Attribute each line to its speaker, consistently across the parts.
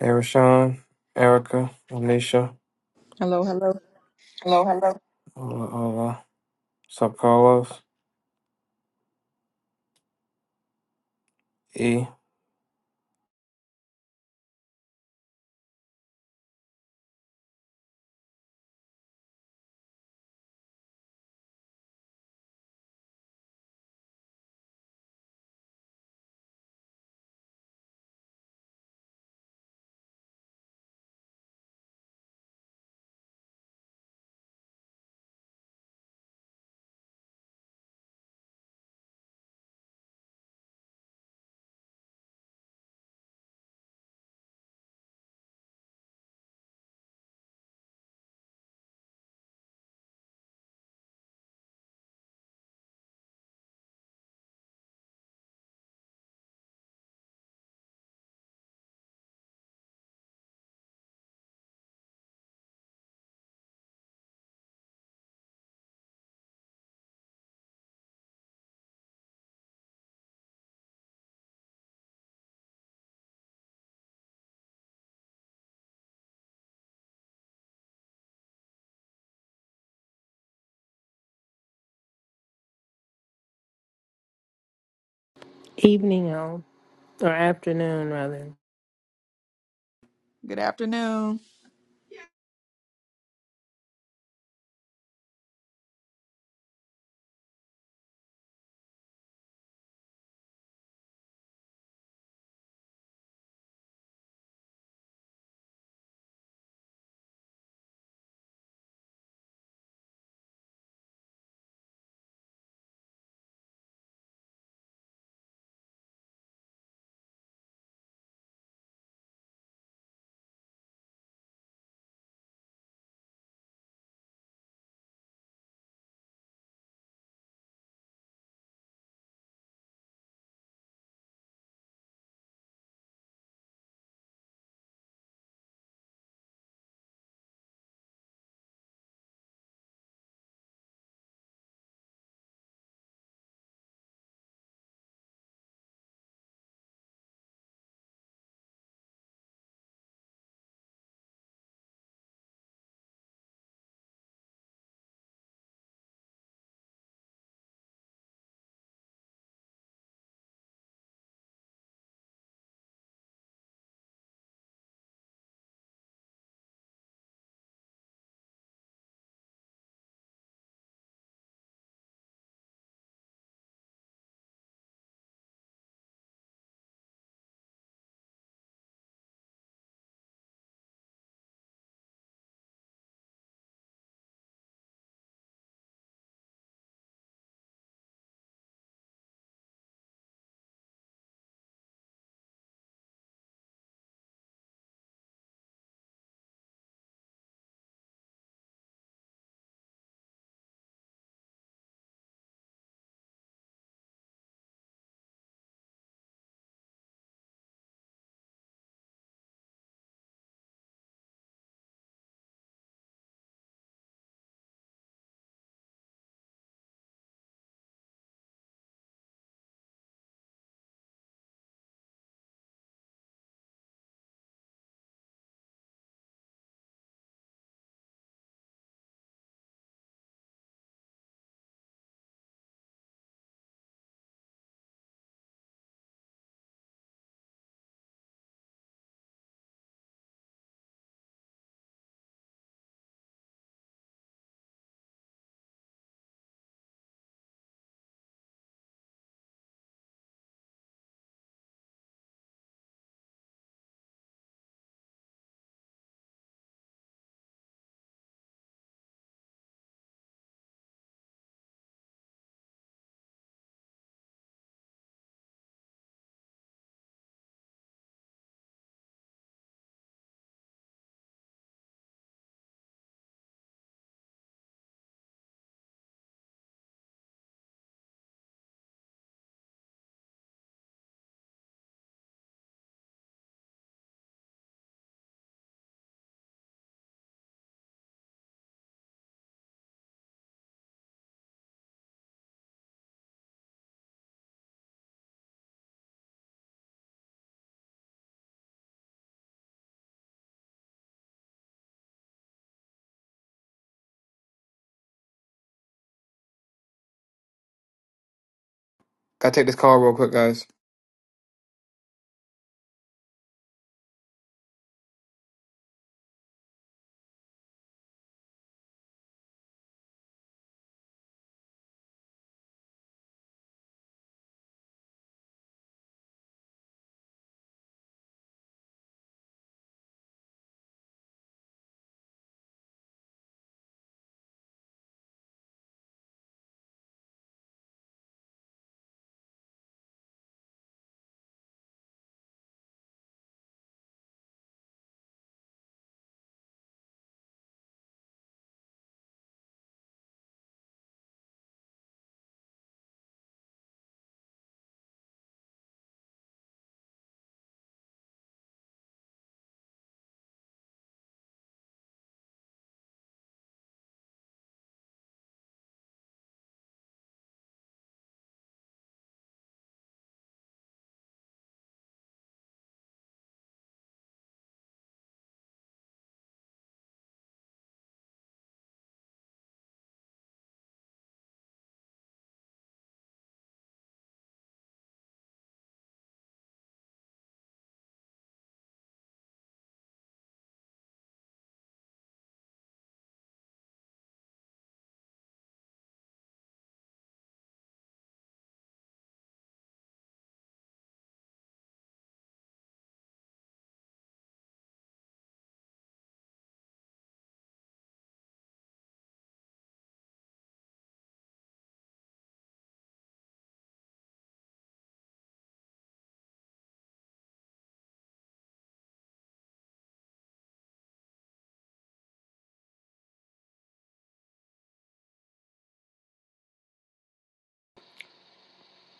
Speaker 1: Erashawn, Erica, Anisha,
Speaker 2: Hello, hello.
Speaker 1: Ola, Ola, Sub Carlos, E.
Speaker 3: evening um, or afternoon rather.
Speaker 2: Good afternoon.
Speaker 1: Gotta take this call real quick, guys.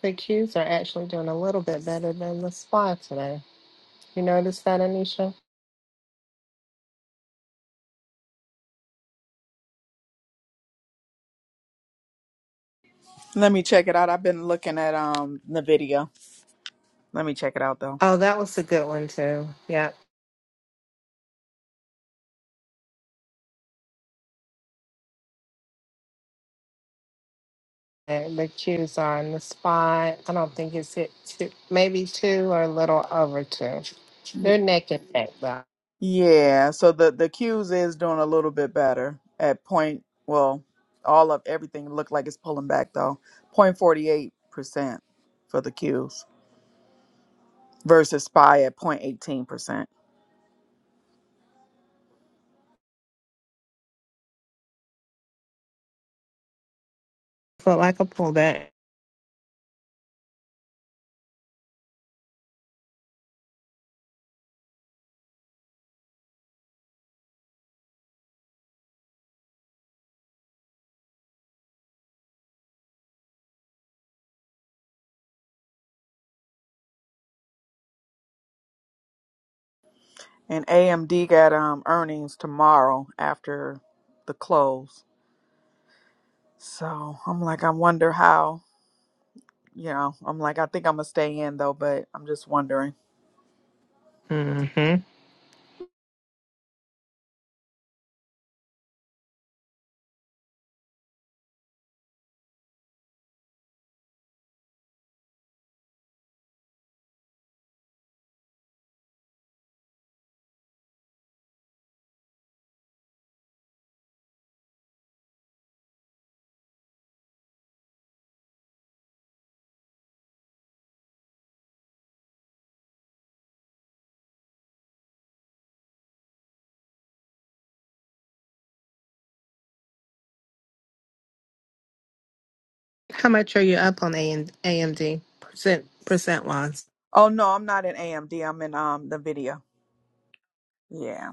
Speaker 3: The Qs are actually doing a little bit better than the SPY today. You notice that, Anisha?
Speaker 2: Let me check it out. I've been looking at um the video. Let me check it out though.
Speaker 3: Oh, that was a good one too. Yep. And the Qs are in the SPY. I don't think it's hit two, maybe two or a little over two. They're neck and neck though.
Speaker 2: Yeah, so the the cues is doing a little bit better at point well, all of everything looked like it's pulling back though. Point forty eight percent for the cues. versus SPY at 0.18%.
Speaker 3: Felt like a pullback.
Speaker 2: And AMD got um earnings tomorrow after the close. So I'm like, I wonder how, you know, I'm like, I think I'm gonna stay in though, but I'm just wondering.
Speaker 3: mm hmm How much are you up on A and AMD percent percent wise?
Speaker 2: Oh no, I'm not in AMD. I'm in um Nvidia. Yeah.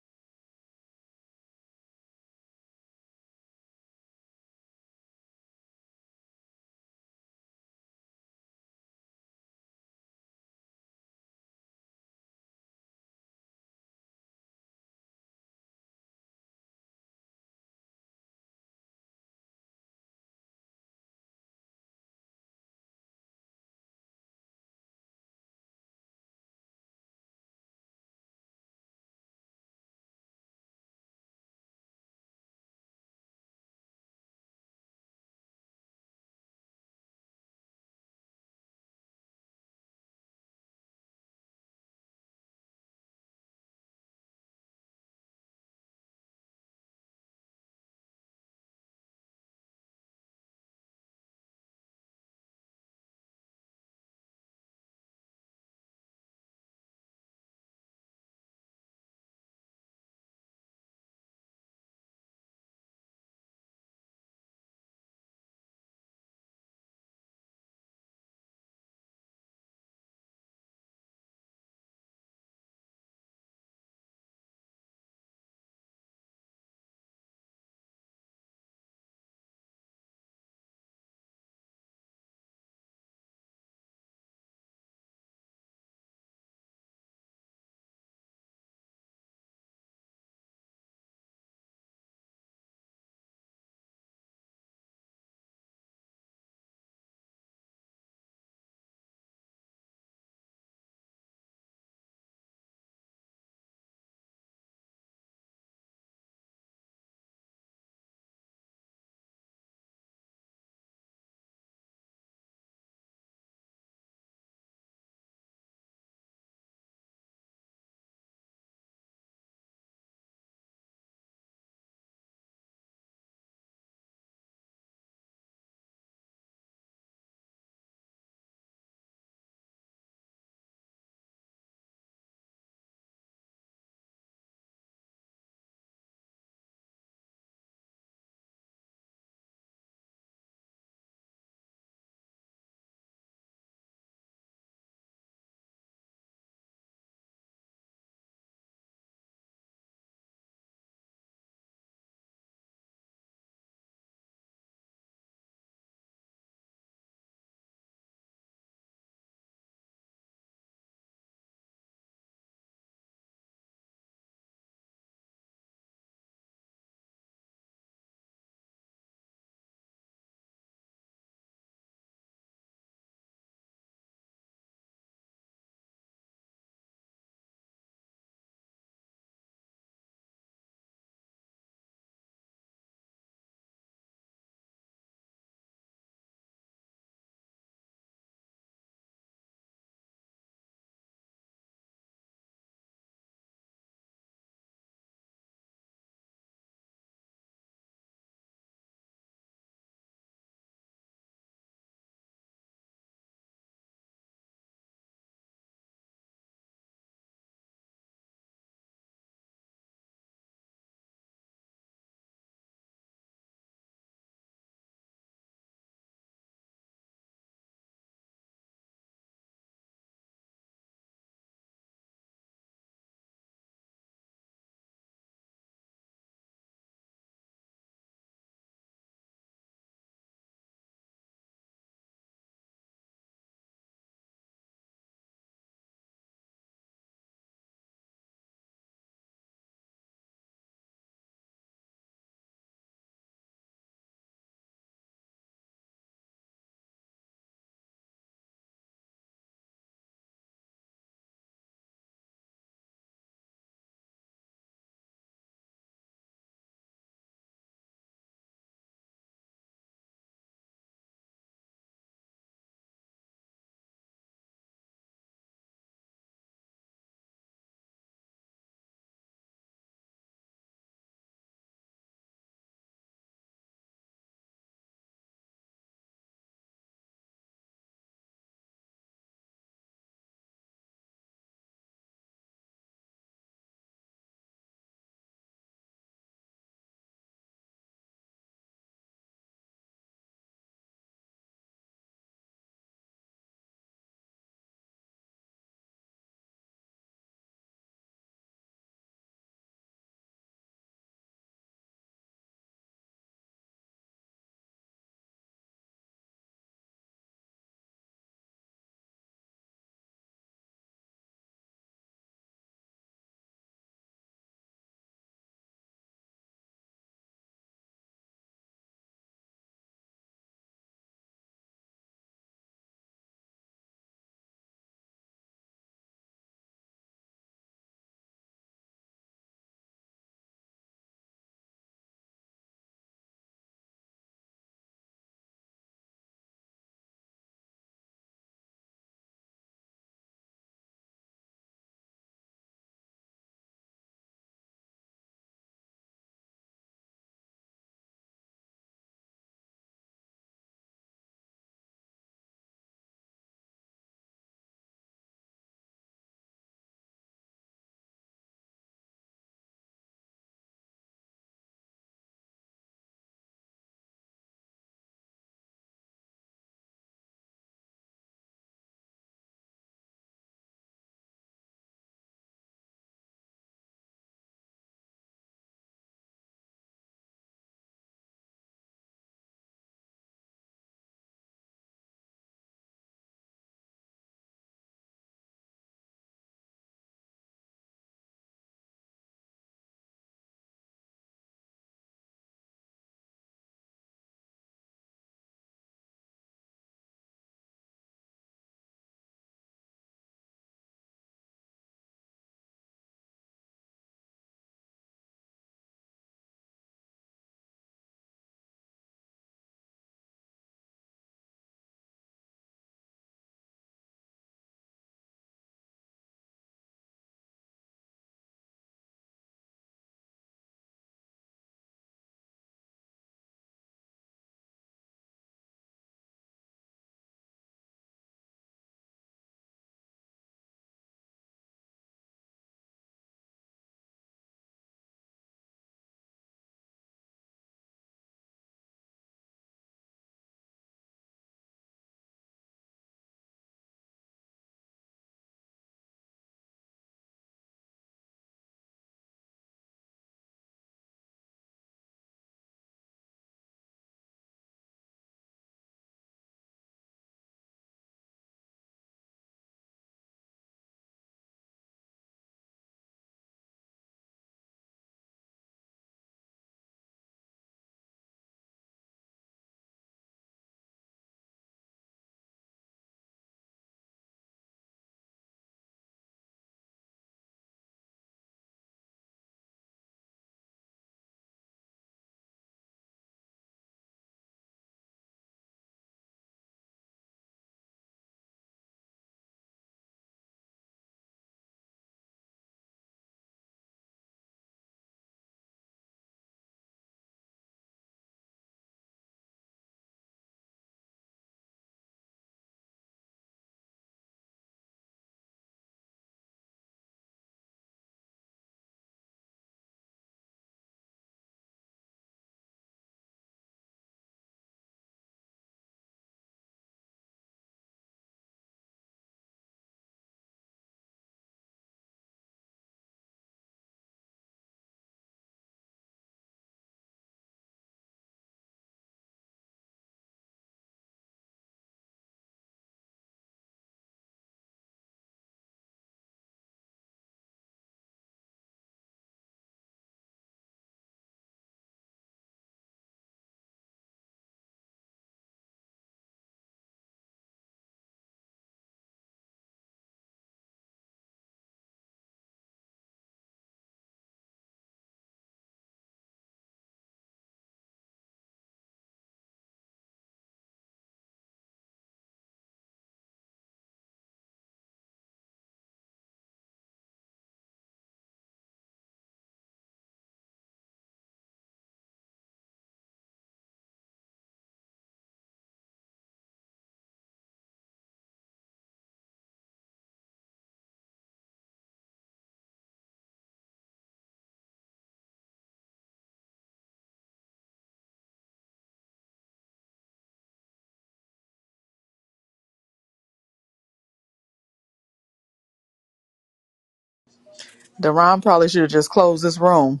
Speaker 2: Deron probably should have just closed this room.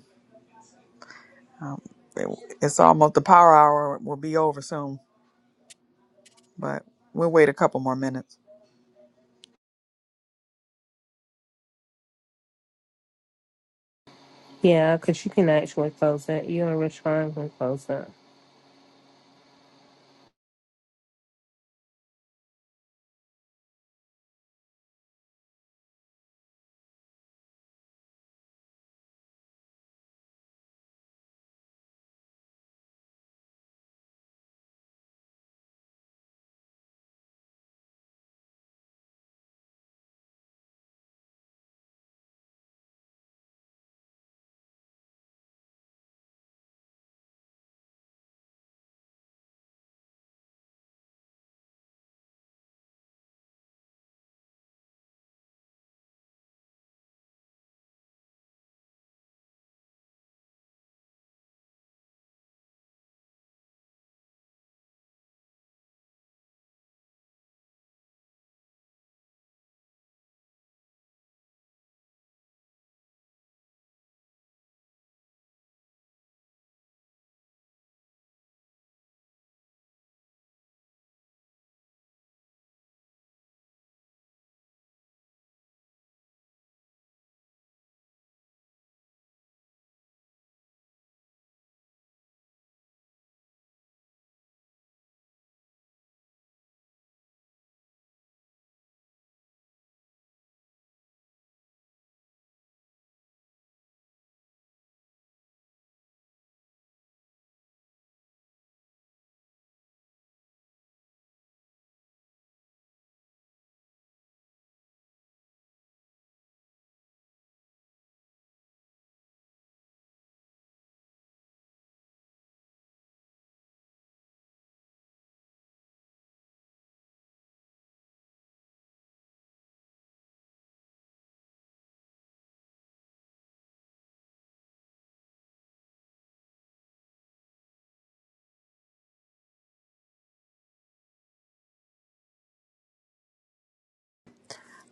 Speaker 2: It- It's almost the power hour will be over soon, but we'll wait a couple more minutes.
Speaker 3: Yeah, because you can actually close that. You and Rich Ryan can close that.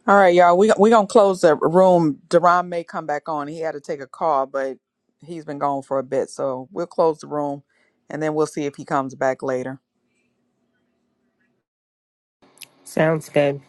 Speaker 2: All right, y'all. We we gonna close the room. Deron may come back on. He had to take a call, but he's been gone for a bit, so we'll close the room, and then we'll see if he comes back later.
Speaker 3: Sounds good.